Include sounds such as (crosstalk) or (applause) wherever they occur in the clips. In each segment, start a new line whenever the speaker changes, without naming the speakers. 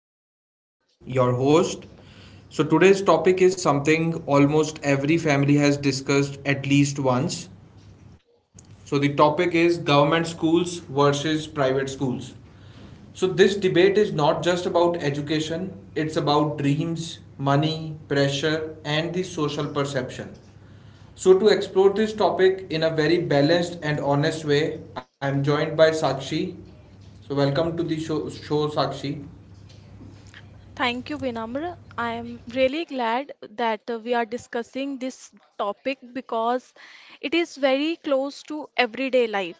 I am Vinamr, your host. So, today's topic is something almost every family has discussed at least once, so the topic is government schools versus private schools. So this debate is not just about education, it's about dreams, money, pressure and the social perception. So to explore this topic in a very balanced and honest way, I am joined by Sakshi. So welcome to the show, Sakshi.
Thank you, Vinamra. I am really glad that we are discussing this topic because it is very close to everyday life.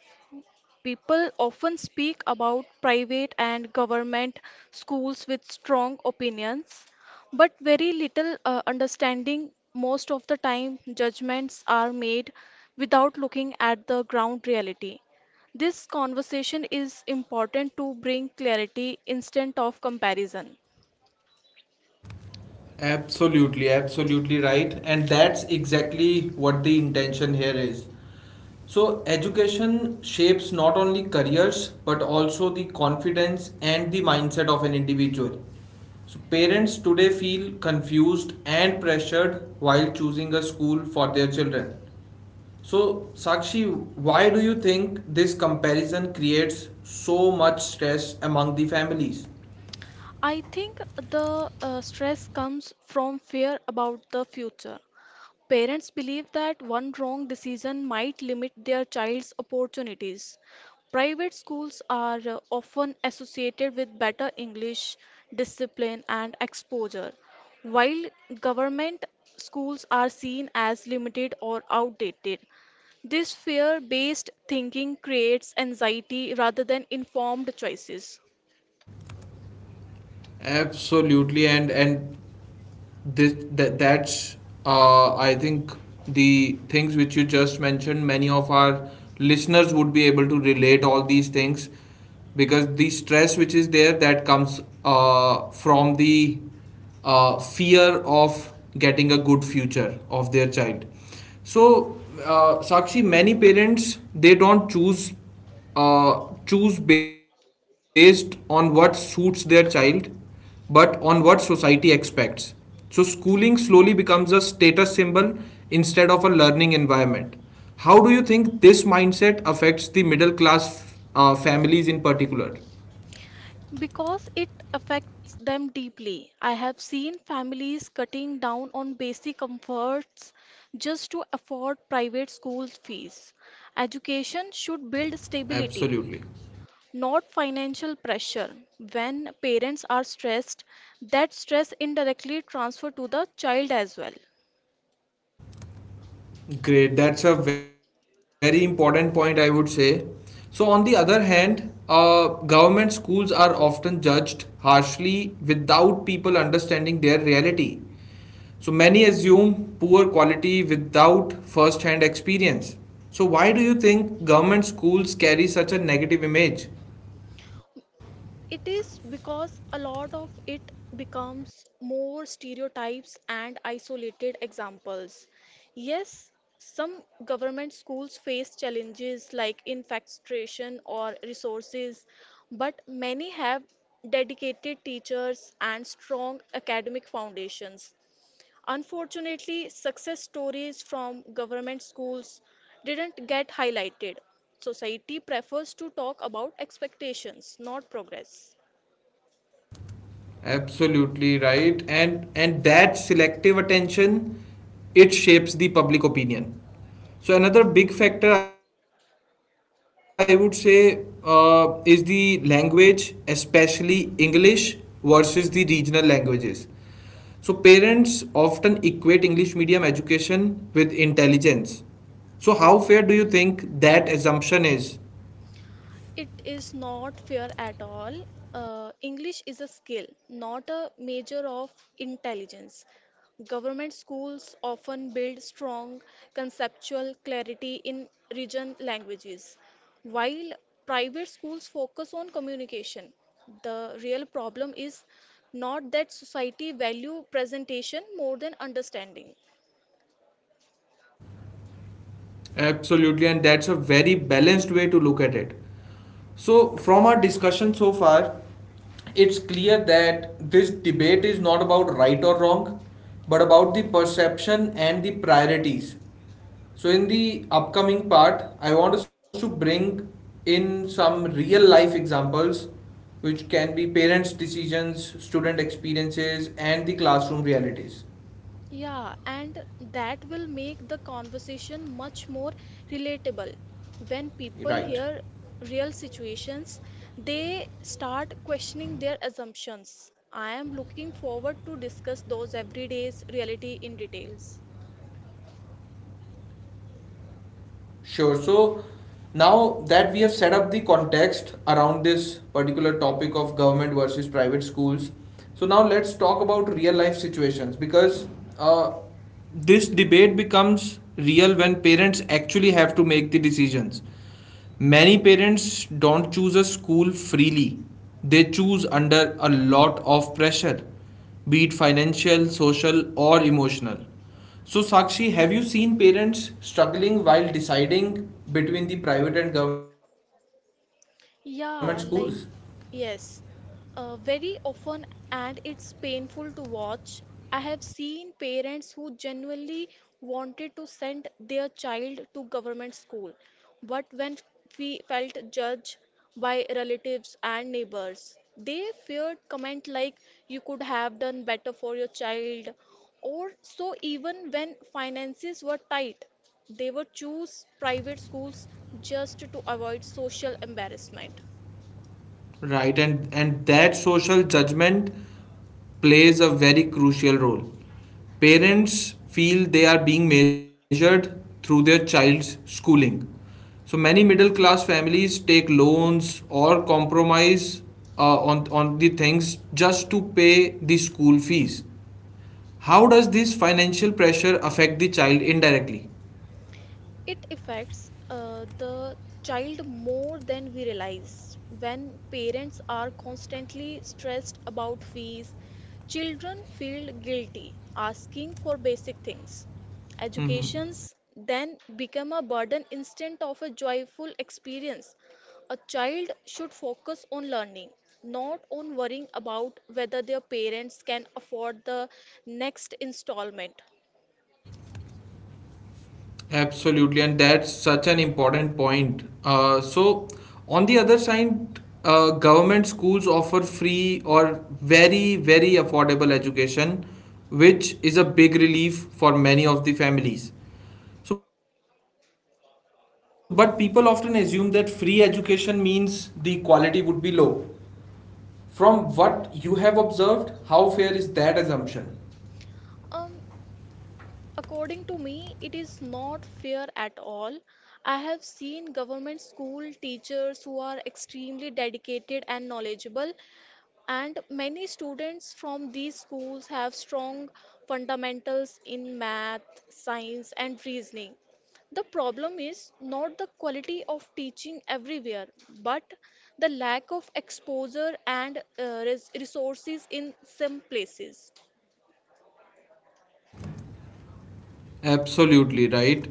People often speak about private and government schools with strong opinions, but very little understanding. Most of the time, judgments are made without looking at the ground reality. This conversation is important to bring clarity instead of comparison.
Absolutely, absolutely right. And that's exactly what the intention here is. So, education shapes not only careers but also the confidence and the mindset of an individual. So, parents today feel confused and pressured while choosing a school for their children. So, Sakshi, why do you think this comparison creates so much stress among the families?
I think the stress comes from fear about the future. Parents believe that one wrong decision might limit their child's opportunities. Private schools are often associated with better English discipline and exposure, while government schools are seen as limited or outdated. This fear based thinking creates anxiety rather than informed choices.
Absolutely, and this that that's I think the things which you just mentioned. Many of our listeners would be able to relate all these things because the stress which is there that comes from the fear of getting a good future of their child. So, Sakshi, many parents they don't choose based on what suits their child but on what society expects. So, schooling slowly becomes a status symbol instead of a learning environment. How do you think this mindset affects the middle class families in particular?
Because it affects them deeply. I have seen families cutting down on basic comforts just to afford private school fees. Education should build stability,
Absolutely.
not financial pressure. When parents are stressed, that stress indirectly transfers to the child as well.
Great. That's a very important point, I would say. So, on the other hand, government schools are often judged harshly without people understanding their reality. So many assume poor quality without first hand experience. So why do you think government schools carry such a negative image?
It is because a lot of it becomes more stereotypes and isolated examples. Yes, some government schools face challenges like infestation or resources, but many have dedicated teachers and strong academic foundations. Unfortunately, success stories from government schools didn't get highlighted. Society prefers to talk about expectations, not progress.
Absolutely right. And that selective attention, it shapes the public opinion. So another big factor I would say is the language, especially English versus the regional languages. So parents often equate English medium education with intelligence. So how fair do you think that assumption is?
It is not fair at all. English is a skill, not a measure of intelligence. Government schools often build strong conceptual clarity in region languages, while private schools focus on communication. The real problem is not that society value presentation more than understanding.
Absolutely, and that's a very balanced way to look at it. So, from our discussion so far, it's clear that this debate is not about right or wrong, but about the perception and the priorities. So, in the upcoming part, I want us to bring in some real life examples, which can be parents' decisions, student experiences, and the classroom realities.
Yeah, and that will make the conversation much more relatable. When people
Right.
hear real situations, they start questioning their assumptions. I am looking forward to discuss those everyday's reality in details.
Sure. So now that we have set up the context around this particular topic of government versus private schools, so now let's talk about real life situations because uh, this debate becomes real when parents actually have to make the decisions. Many parents don't choose a school freely. They choose under a lot of pressure, be it financial, social, or emotional. So, Sakshi, have you seen parents struggling while deciding between the private and government schools?
Yeah, like, yes, very often, and it's painful to watch. I have seen parents who genuinely wanted to send their child to government school, but when we felt judged by relatives and neighbors, they feared comment like, you could have done better for your child, or so even when finances were tight. They would choose private schools just to avoid social embarrassment.
Right, and that social judgment plays a very crucial role. Parents feel they are being measured through their child's schooling. So many middle class families take loans or compromise on the things just to pay the school fees. How does this financial pressure affect the child indirectly?
It affects the child more than we realize. When parents are constantly stressed about fees, children feel guilty asking for basic things. Educations then become a burden instead of a joyful experience. A child should focus on learning, not on worrying about whether their parents can afford the next installment.
Absolutely, and that's such an important point. So, on the other side, government schools offer free or very, very affordable education, which is a big relief for many of the families. So, but people often assume that free education means the quality would be low. From what you have observed, how fair is that assumption?
Um, According to me, it is not fair at all. I have seen government school teachers who are extremely dedicated and knowledgeable, and many students from these schools have strong fundamentals in math, science, and reasoning. The problem is not the quality of teaching everywhere, but the lack of exposure and resources in some places.
Absolutely right.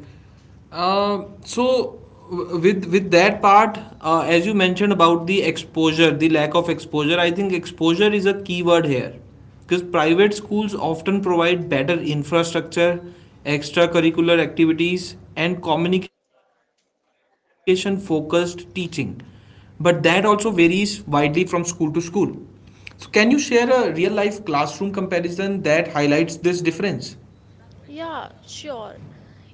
So with that part, as you mentioned about the exposure, the lack of exposure, I think exposure is a key word here because private schools often provide better infrastructure, extracurricular activities, and communication focused teaching, but that also varies widely from school to school. So, can you share a real life classroom comparison that highlights this difference?
Yeah, sure.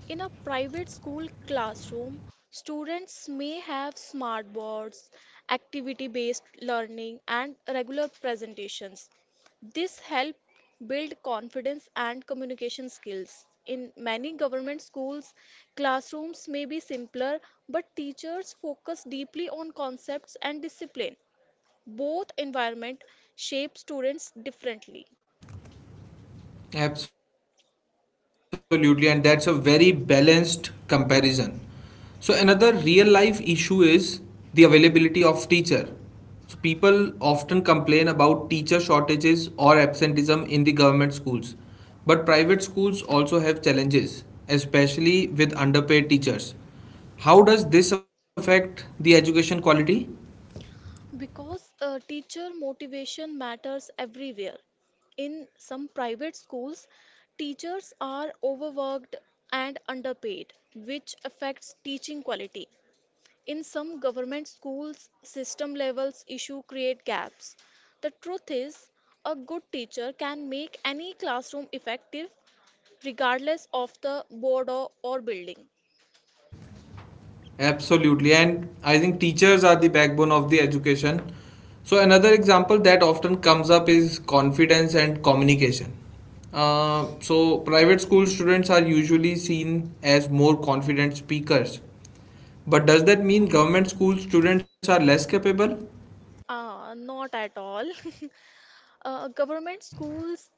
In a private school classroom, students may have smartboards, activity-based learning, and regular presentations. This help build confidence and communication skills. In many government schools, classrooms may be simpler, but teachers focus deeply on concepts and discipline. Both environment shape students differently.
Absolutely, and that's a very balanced comparison. So another real life issue is the availability of teacher. So people often complain about teacher shortages or absenteeism in the government schools. But private schools also have challenges, especially with underpaid teachers. How does this affect the education quality?
Because teacher motivation matters everywhere. In some private schools, teachers are overworked and underpaid, which affects teaching quality. In some government schools, system levels issue create gaps. The truth is, a good teacher can make any classroom effective regardless of the board or building.
Absolutely. And I think teachers are the backbone of the education. So, another example that often comes up is confidence and communication. So, private school students are usually seen as more confident speakers. But does that mean government school students are less capable?
Ah, not at all. (laughs) Government schools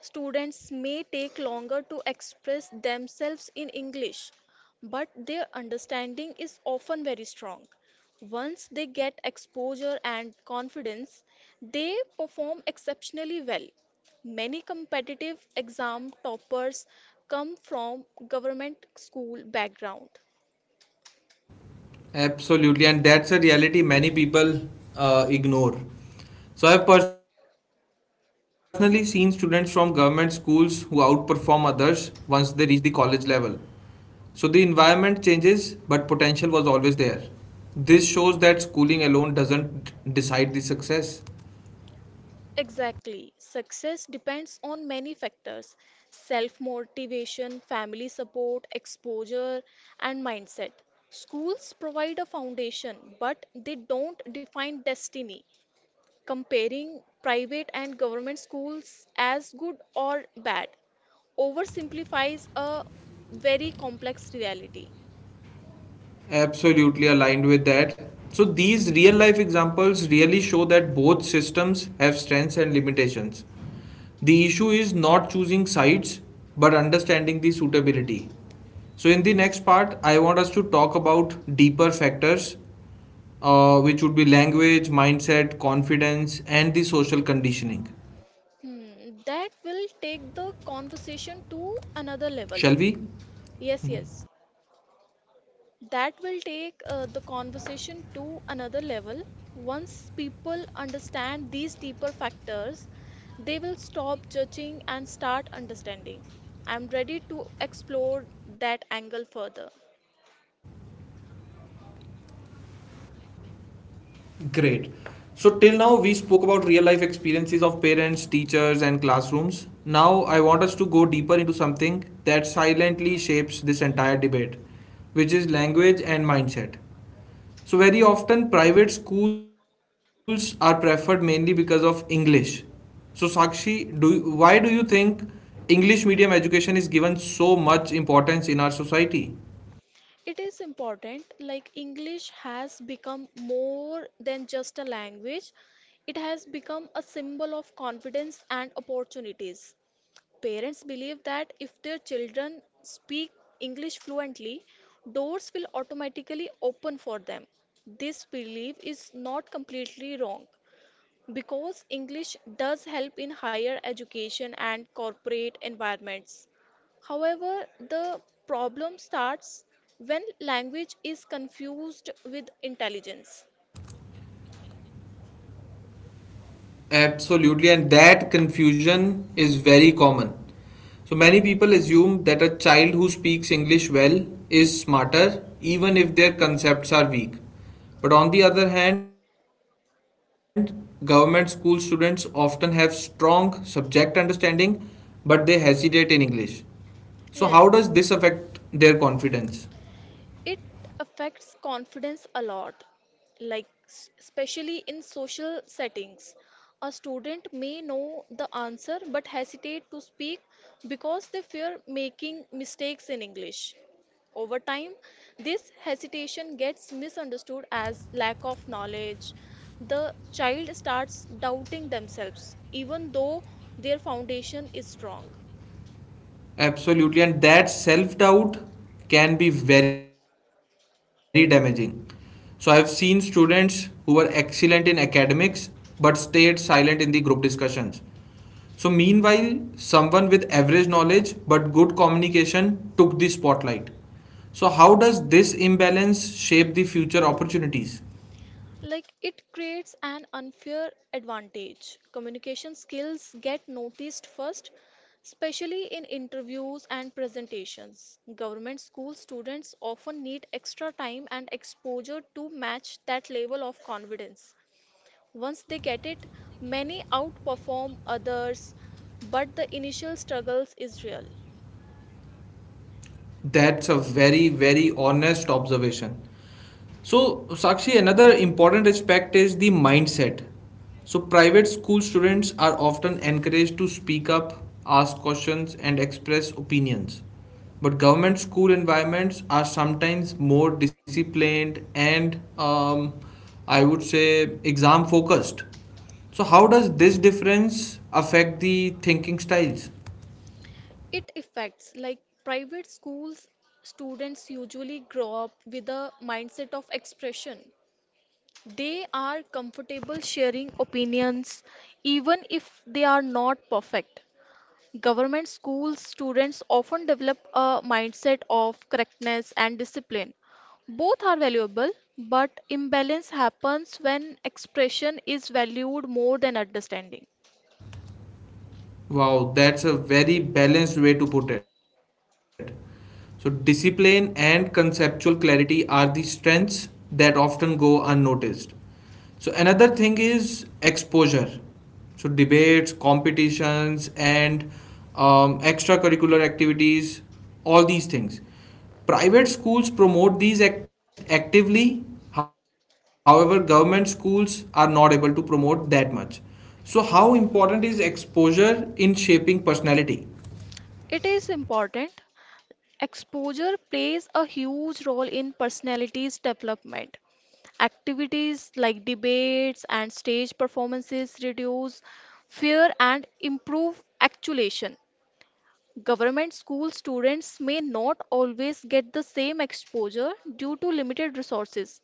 students may take longer to express themselves in English, but their understanding is often very strong. Once they get exposure and confidence, they perform exceptionally well. Many competitive exam toppers come from government school background.
Absolutely. And that's a reality many people ignore. So, I have personally seen students from government schools who outperform others once they reach the college level. So the environment changes, but potential was always there. This shows that schooling alone doesn't decide the success.
Exactly. Success depends on many factors self motivation, family support, exposure, and mindset. Schools provide a foundation, but they don't define destiny. Comparing private and government schools as good or bad oversimplifies a very complex reality.
Absolutely aligned with that. So these real life examples really show that both systems have strengths and limitations. The issue is not choosing sides but understanding the suitability. So in the next part, I want us to talk about deeper factors which would be language, mindset, confidence, and the social conditioning.
Hmm, that will take the
Shall we?
conversation to another level. Yes, yes. That will take the conversation to another level. Once people understand these deeper factors, they will stop judging and start understanding. I'm ready to explore that angle further.
Great. So, till now, we spoke about real life experiences of parents, teachers, and classrooms. Now, I want us to go deeper into something that silently shapes this entire debate, which is language and mindset. So, very often, private schools are preferred mainly because of English. So, Sakshi, why do you think English medium education is given so much importance in our society?
It is important, like English has become more than just a language, it has become a symbol of confidence and opportunities. Parents believe that if their children speak English fluently, doors will automatically open for them. This belief is not completely wrong because English does help in higher education and corporate environments. However, the problem starts when language is confused with intelligence.
Absolutely, and that confusion is very common. So many people assume that a child who speaks English well is smarter, even if their concepts are weak. But on the other hand, government school students often have strong subject understanding, but they hesitate in English. So, how does this affect
Yes,
their confidence?
it affects confidence a lot, like especially in social settings. A student may know the answer but hesitate to speak because they fear making mistakes in English. Over time, this hesitation gets misunderstood as lack of knowledge. The child starts doubting themselves, even though their foundation is strong.
Absolutely, and that self doubt can be very damaging. So, I've seen students who were excellent in academics but stayed silent in the group discussions. So, meanwhile, someone with average knowledge but good communication took the spotlight. So, how does this imbalance shape the future opportunities?
Like it creates an unfair advantage. Communication skills get noticed first, especially in interviews and presentations. Government school students often need extra time and exposure to match that level of confidence. Once they get it, many outperform others, but the initial struggles is real.
That's a very, very honest observation. So, Sakshi, another important aspect is the mindset. So, private school students are often encouraged to speak up, ask questions, and express opinions. But government school environments are sometimes more disciplined and, I would say exam focused. So, how does this difference affect the thinking styles?
It affects like private schools students usually grow up with a mindset of expression. They are comfortable sharing opinions even if they are not perfect. Government school students often develop a mindset of correctness and discipline. Both are valuable, but imbalance happens when expression is valued more than understanding.
Wow, that's a very balanced way to put it. So, discipline and conceptual clarity are the strengths that often go unnoticed. So, another thing is exposure. So, debates, competitions, and extracurricular activities, all these things. Private schools promote these actively. However, government schools are not able to promote that much. So, how important is exposure in shaping personality?
It is important. Exposure plays a huge role in personality's development. Activities like debates and stage performances reduce fear and improve actuation. Government school students may not always get the same exposure due to limited resources,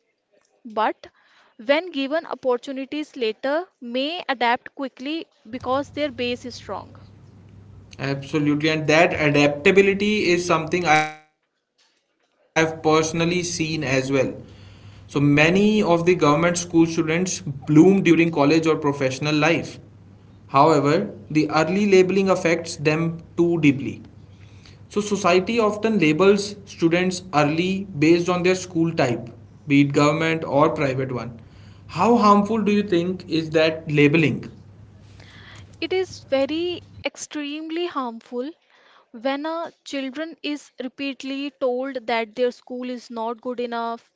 but when given opportunities later, may adapt quickly because their base is strong.
Absolutely, and that adaptability is something I have personally seen as well. So, many of the government school students bloom during college or professional life. However, the early labeling affects them too deeply. So, society often labels students early based on their school type, be it government or private one. How harmful do you think is that labeling?
It is very extremely harmful when a children is repeatedly told that their school is not good enough.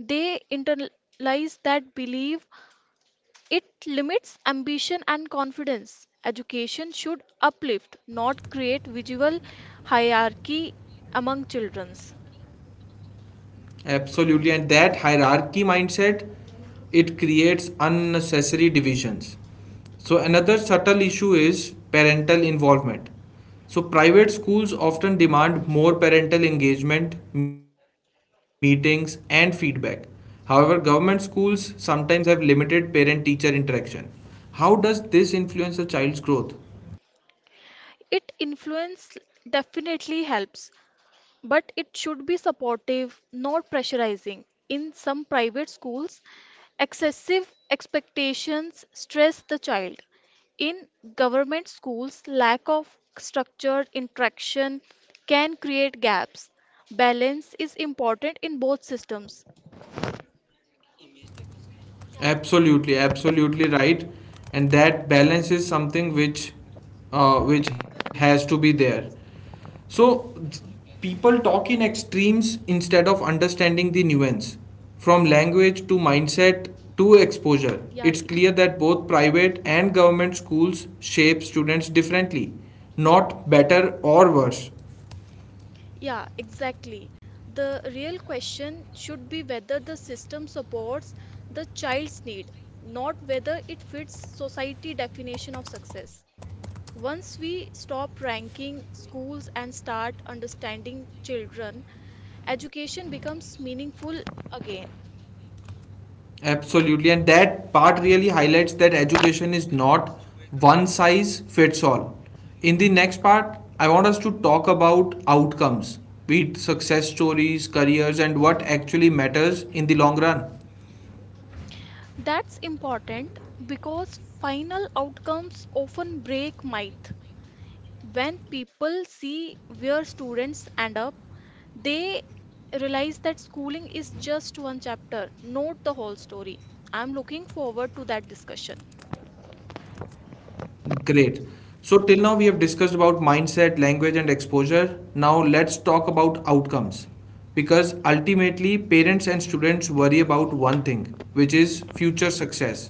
They internalize that belief. It limits ambition and confidence. Education should uplift, not create visual hierarchy among childrens.
Absolutely, and that hierarchy mindset, it creates unnecessary divisions. So, another subtle issue is parental involvement. So, private schools often demand more parental engagement, meetings, and feedback. However, government schools sometimes have limited parent teacher interaction. How does this influence a child's growth?
It influence definitely helps, but it should be supportive, not pressurizing. In some private schools, excessive expectations stress the child. In government schools, lack of structured interaction can create gaps. Balance is important in both systems.
Absolutely, absolutely right. And that balance is something which has to be there. So th- People talk in extremes instead of understanding the nuance. From language to mindset to exposure,
Yeah,
it's
it-
clear that both private and government schools shape students differently, not better or worse.
yeah, exactly. The real question should be whether the system supports the child's need, not whether it fits society definition of success. Once we stop ranking schools and start understanding children, education becomes meaningful again.
Absolutely, and that part really highlights that education is not one size fits all. In the next part, I want us to talk about outcomes, be it success stories, careers, and what actually matters in the long run.
That's important because final outcomes often break myth. When people see where students end up, they realize that schooling is just one chapter, not the whole story. I'm looking forward to that discussion.
Great. So, till now we have discussed about mindset, language, and exposure. Now, let's talk about outcomes. Because ultimately, parents and students worry about one thing, which is future success.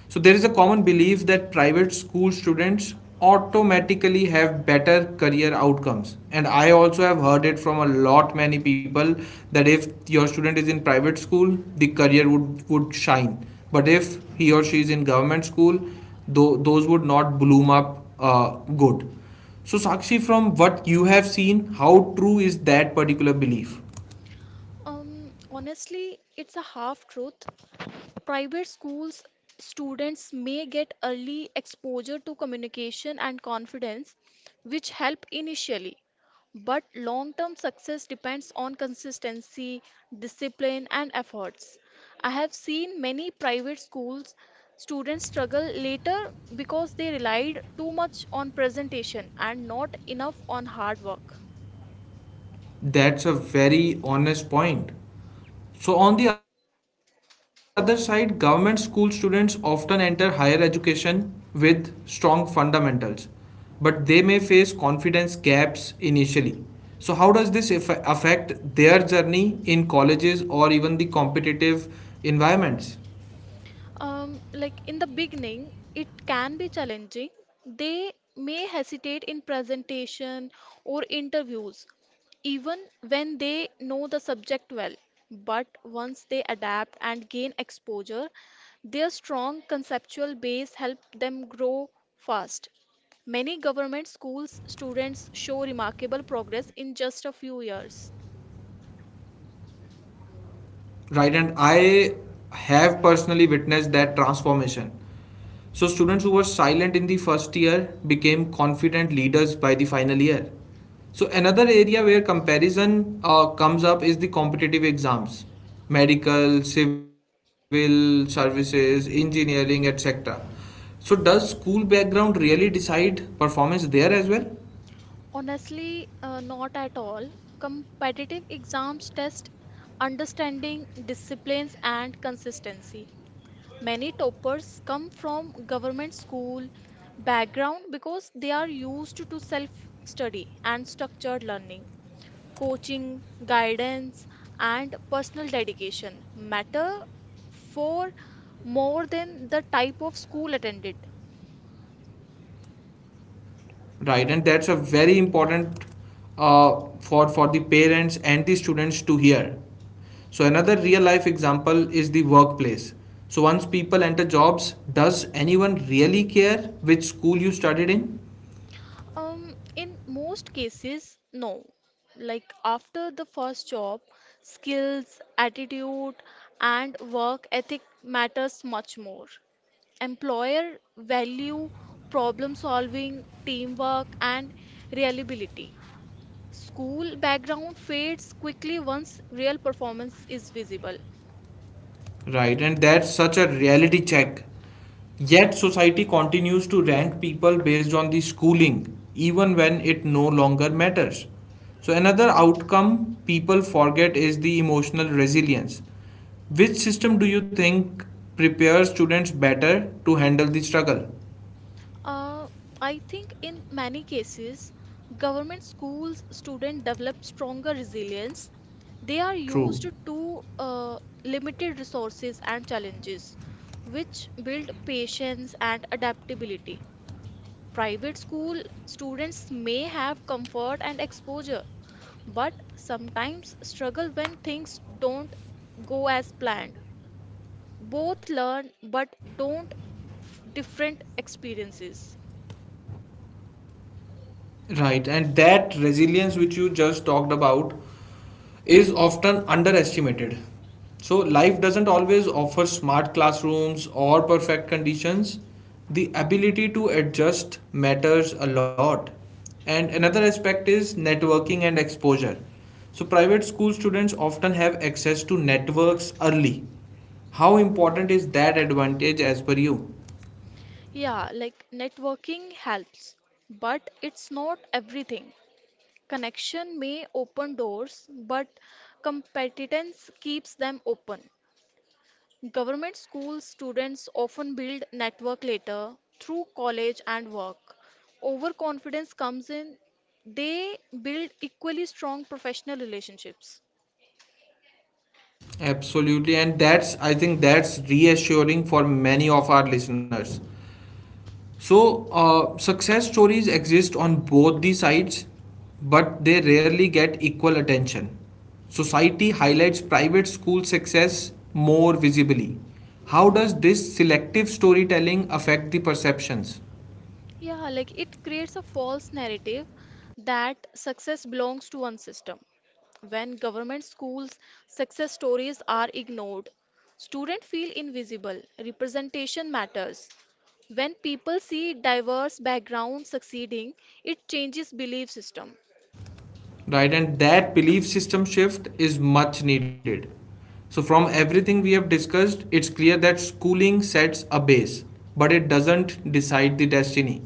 So, there is a common belief that private school students automatically have better career outcomes, and I also have heard it from a lot many people that if your student is in private school the career would shine, but if he or she is in government school, though those would not bloom up good. So, Sakshi, from what you have seen, how true is that particular belief?
Honestly, it's a half truth. Private schools students may get early exposure to communication and confidence, which help initially. But long term success depends on consistency, discipline, and efforts. I have seen many private schools students struggle later because they relied too much on presentation and not enough on hard work.
That's a very honest point. So, on the other side, government school students often enter higher education with strong fundamentals, but they may face confidence gaps initially. So, how does this affect their journey in colleges or even the competitive environments?
Like in the beginning, it can be challenging. They may hesitate in presentation or interviews, even when they know the subject well. But once they adapt and gain exposure, their strong conceptual base help them grow fast. Many government schools students show remarkable progress in just a few years.
Right, and I have personally witnessed that transformation. So, students who were silent in the first year became confident leaders by the final year. So, another area where comparison comes up is the competitive exams, medical, civil services, engineering, etc. So, does school background really decide performance there as well?
Honestly, not at all. Competitive exams test understanding, disciplines, and consistency. Many toppers come from government school background because they are used to self-study and structured learning. Coaching, guidance, and personal dedication matter for more than the type of school attended.
Right, and that's a very important for the parents and the students to hear. So another real life example is the workplace. So once people enter jobs, does anyone really care which school you studied in?
In most cases, no. Like after the first job, skills, attitude, and work ethic matters much more. Employer value problem solving, teamwork, and reliability. School background fades quickly once real performance is visible.
Right, and that's such a reality check. Yet society continues to rank people based on the schooling, even when it no longer matters. So, another outcome people forget is the emotional resilience. Which system do you think prepares students better to handle the struggle?
Uh, I think in many cases, government schools students develop stronger resilience. They are used
True.
to limited resources and challenges, which build patience and adaptability. Private school students may have comfort and exposure, but sometimes struggle when things don't go as planned. Both learn but don't different experiences.
Right. And that resilience which you just talked about is often underestimated. So, life doesn't always offer smart classrooms or perfect conditions. The ability to adjust matters a lot. And another aspect is networking and exposure. So, private school students often have access to networks early. How important is that advantage as per you?
Yeah, like networking helps, but it's not everything. Connection may open doors, but competence keeps them open. Government school students often build network later through college and work. Overconfidence comes in, they build equally strong professional relationships.
Absolutely, and that's I think that's reassuring for many of our listeners. So, success stories exist on both the sides, but they rarely get equal attention. Society highlights private school success more visibly. How does this selective storytelling affect the perceptions?
Yeah, like it creates a false narrative that success belongs to one system. When government schools' success stories are ignored, students feel invisible. Representation matters. When people see diverse backgrounds succeeding, it changes belief system.
Right, and that belief system shift is much needed. So from everything we have discussed, it's clear that schooling sets a base, but it doesn't decide the destiny.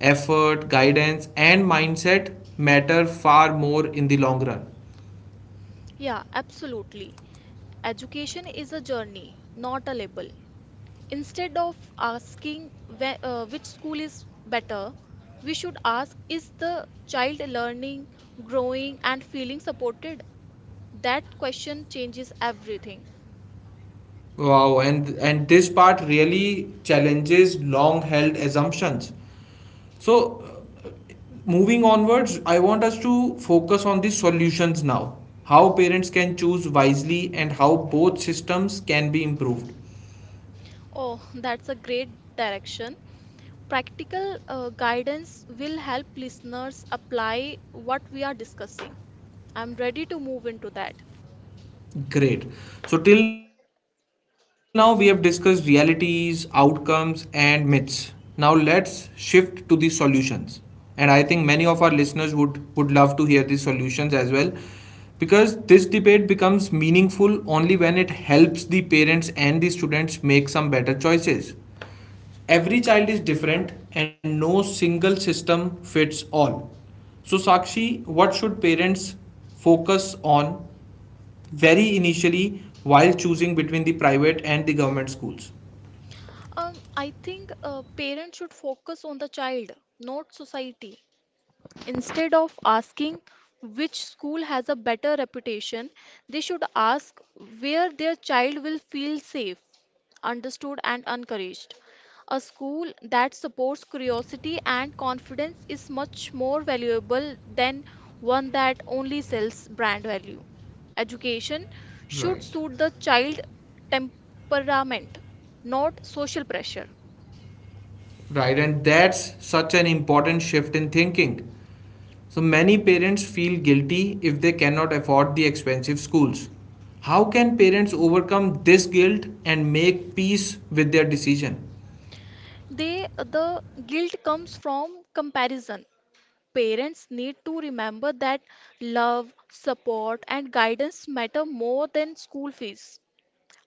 Effort, guidance and mindset matter far more in the long run.
Yeah, absolutely. Education is a journey, not a label. Instead of asking which school is better, we should ask is the child learning, growing, and feeling supported? That question changes everything.
Wow, and this part really challenges long held assumptions. So, uh, moving onwards, I want us to focus on the solutions now. How parents can choose wisely and how both systems can be improved.
Oh, (laughs) that's a great direction. Practical guidance will help listeners apply what we are discussing. I'm ready to move into that.
Great. So, till now, we have discussed realities, outcomes, and myths. Now, let's shift to the solutions. And I think many of our listeners would, love to hear the solutions as well, because this debate becomes meaningful only when it helps the parents and the students make some better choices. Every child is different and no single system fits all. So, Sakshi, what should parents focus on very initially while choosing between the private and the government schools?
I think parents should focus on the child, not society. Instead of asking which school has a better reputation, they should ask where their child will feel safe, understood, and encouraged. A school that supports curiosity and confidence is much more valuable than one that only sells brand value. Education should
Right.
suit the child temperament, not social pressure.
Right, and that's such an important shift in thinking. So, many parents feel guilty if they cannot afford the expensive schools. How can parents overcome this guilt and make peace with their decision?
They the guilt comes from comparison parents need to remember that love, support, and guidance matter more than school fees.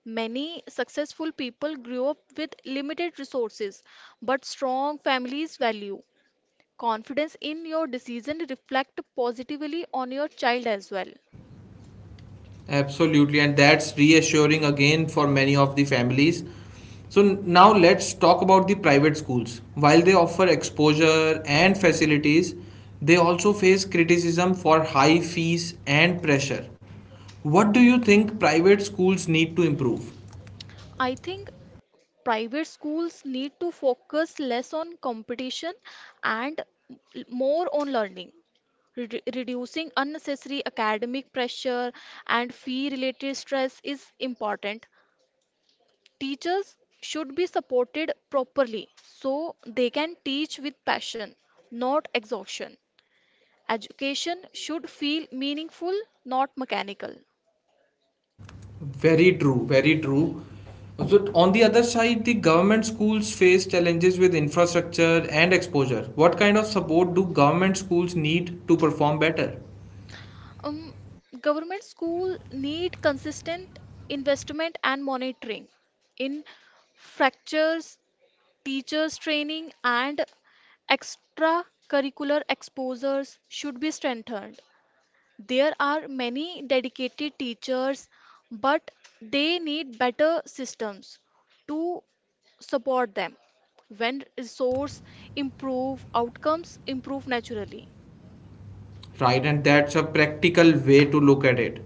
Many successful people grew up with limited resources, but strong families value. Confidence in your decision reflect positively on your child as well.
Absolutely, and that's reassuring again for many of the families. So now let's talk about the private schools. While they offer exposure and facilities, they also face criticism for high fees and pressure. What do you think private schools need to improve?
I think private schools need to focus less on competition and more on learning. Reducing unnecessary academic pressure and fee related stress is important. Teachers should be supported properly so they can teach with passion, not exhaustion. Education should feel meaningful, not mechanical.
Very true, very true. So on the other side, the government schools face challenges with infrastructure and exposure. What kind of support do government schools need to perform better?
Um, government school need consistent investment and monitoring in fractures, teachers training and extracurricular exposures should be strengthened. There are many dedicated teachers, but they need better systems to support them. When resource improve, outcomes improve naturally.
Right, and that's a practical way to look at it.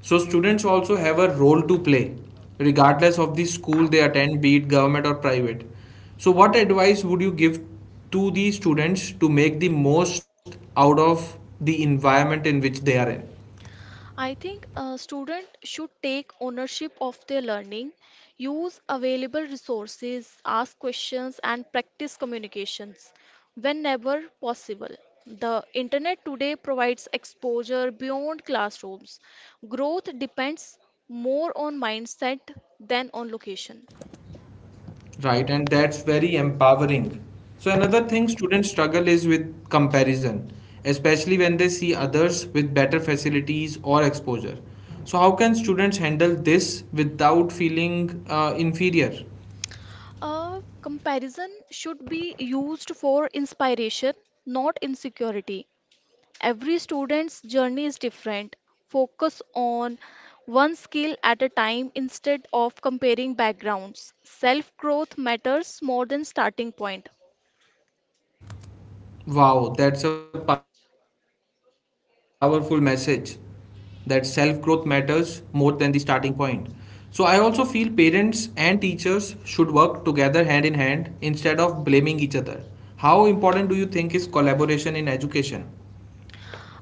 So students also have a role to play, regardless of the school they attend, be it government or private. So what advice would you give to the students to make the most out of the environment in which they are in?
I think a student should take ownership of their learning, use available resources, ask questions, and practice communications whenever possible. The internet today provides exposure beyond classrooms. Growth depends more on mindset than on location.
Right, and that's very empowering. So, another thing students struggle is with comparison, especially when they see others with better facilities or exposure. So, how can students handle this without feeling inferior?
A comparison should be used for inspiration, not insecurity. Every student's journey is different. Focus on one skill at a time instead of comparing backgrounds. Self growth matters more than starting point.
Wow, that's a powerful message, that self growth matters more than the starting point. So, I also feel parents and teachers should work together hand in hand instead of blaming each other. How important do you think is collaboration in education?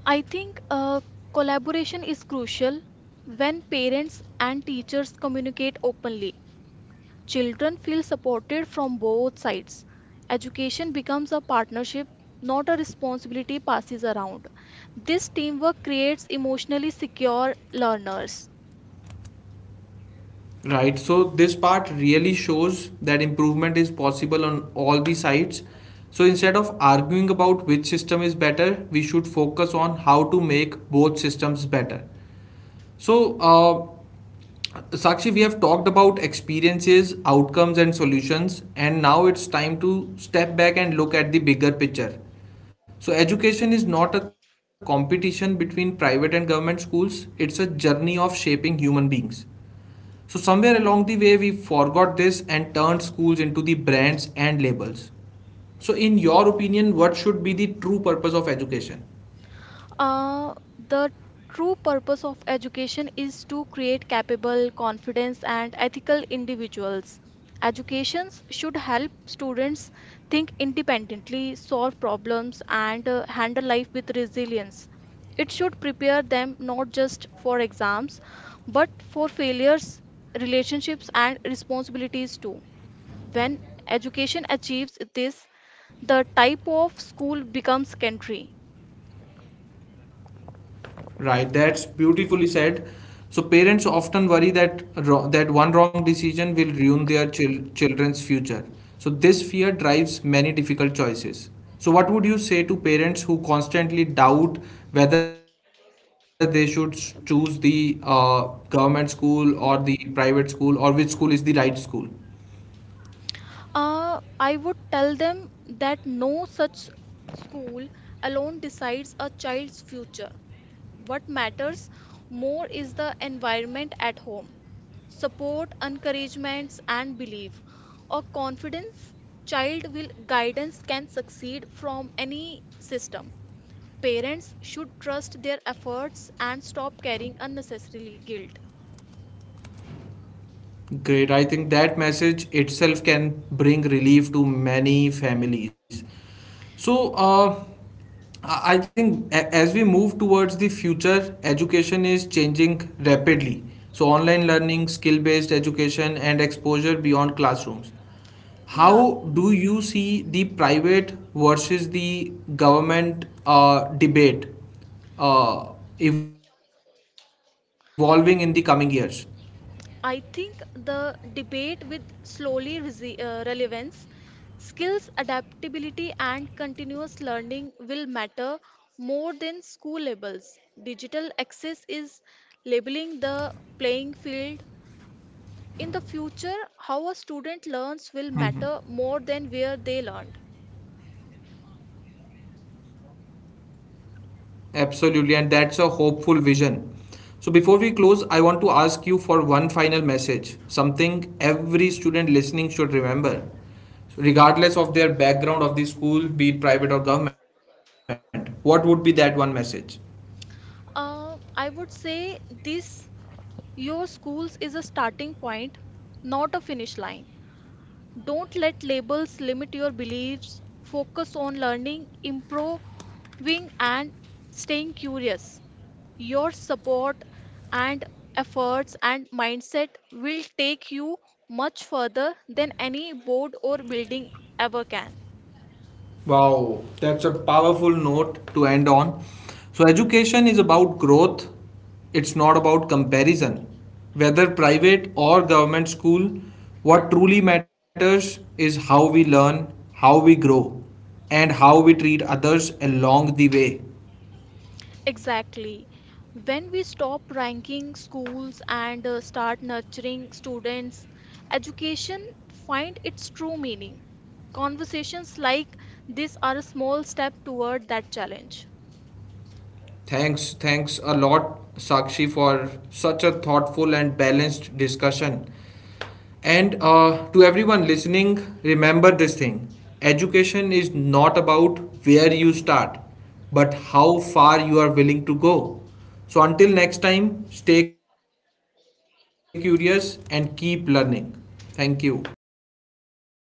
I think collaboration is crucial when parents and teachers communicate openly. Children feel supported from both sides. Education becomes a partnership, not a responsibility passes around. This teamwork creates emotionally secure learners.
Right, so this part really shows that improvement is possible on all the sides. So, instead of arguing about which system is better, we should focus on how to make both systems better. So, Sakshi, we have talked about experiences, outcomes, and solutions, and now it's time to step back and look at the bigger picture. So, education is not a competition between private and government schools, it's a journey of shaping human beings. So, somewhere along the way, we forgot this and turned schools into the brands and labels. So, in your opinion, what should be the true purpose of education?
Uh, the true purpose of education is to create capable, confident, and ethical individuals. Educations should help students think independently, solve problems, and handle life with resilience. It should prepare them not just for exams, but for failures, relationships, and responsibilities too. When education achieves this, the type of school becomes secondary.
Right, that's beautifully said. So parents often worry that that one wrong decision will ruin their children's future. So this fear drives many difficult choices. So what would you say to parents who constantly doubt whether they should choose the government school or the private school, or which school is the right school?
I would tell them that no such school alone decides a child's future. What matters more is the environment at home. Support, encouragements, and belief or confidence child will guidance can succeed from any system. Parents should trust their efforts and stop carrying unnecessarily guilt.
Great. I think that message itself can bring relief to many families. So, I think as we move towards the future, education is changing rapidly. So, online learning, skill based education, and exposure beyond classrooms. How
Yeah,
do you see the private versus the government debate uh, evolving in the coming years?
I think the debate with relevance, skills adaptability and continuous learning will matter more than school labels. Digital access is labeling the playing field. In the future, how a student learns will matter more than where they learned.
Absolutely, and that's a hopeful vision. So, before we close, I want to ask you for one final message, something every student listening should remember, regardless of their background of the school, be it private or government. What would be that one message?
I would say this your schools is a starting point, not a finish line. Don't let labels limit your beliefs. Focus on learning, improving, and staying curious. Your support and efforts and mindset will take you much further than any board or building ever can.
Wow, that's a powerful note to end on. So, education is about growth, it's not about comparison. Whether private or government school, what truly matters is how we learn, how we grow, and how we treat others along the way.
Exactly. When we stop ranking schools and start nurturing students, education find its true meaning. Conversations like this are a small step toward that challenge.
Thanks, thanks a lot, Sakshi, for such a thoughtful and balanced discussion. And to everyone listening, remember this thing: education is not about where you start, but how far you are willing to go. So, until next time, stay curious and keep learning. Thank you.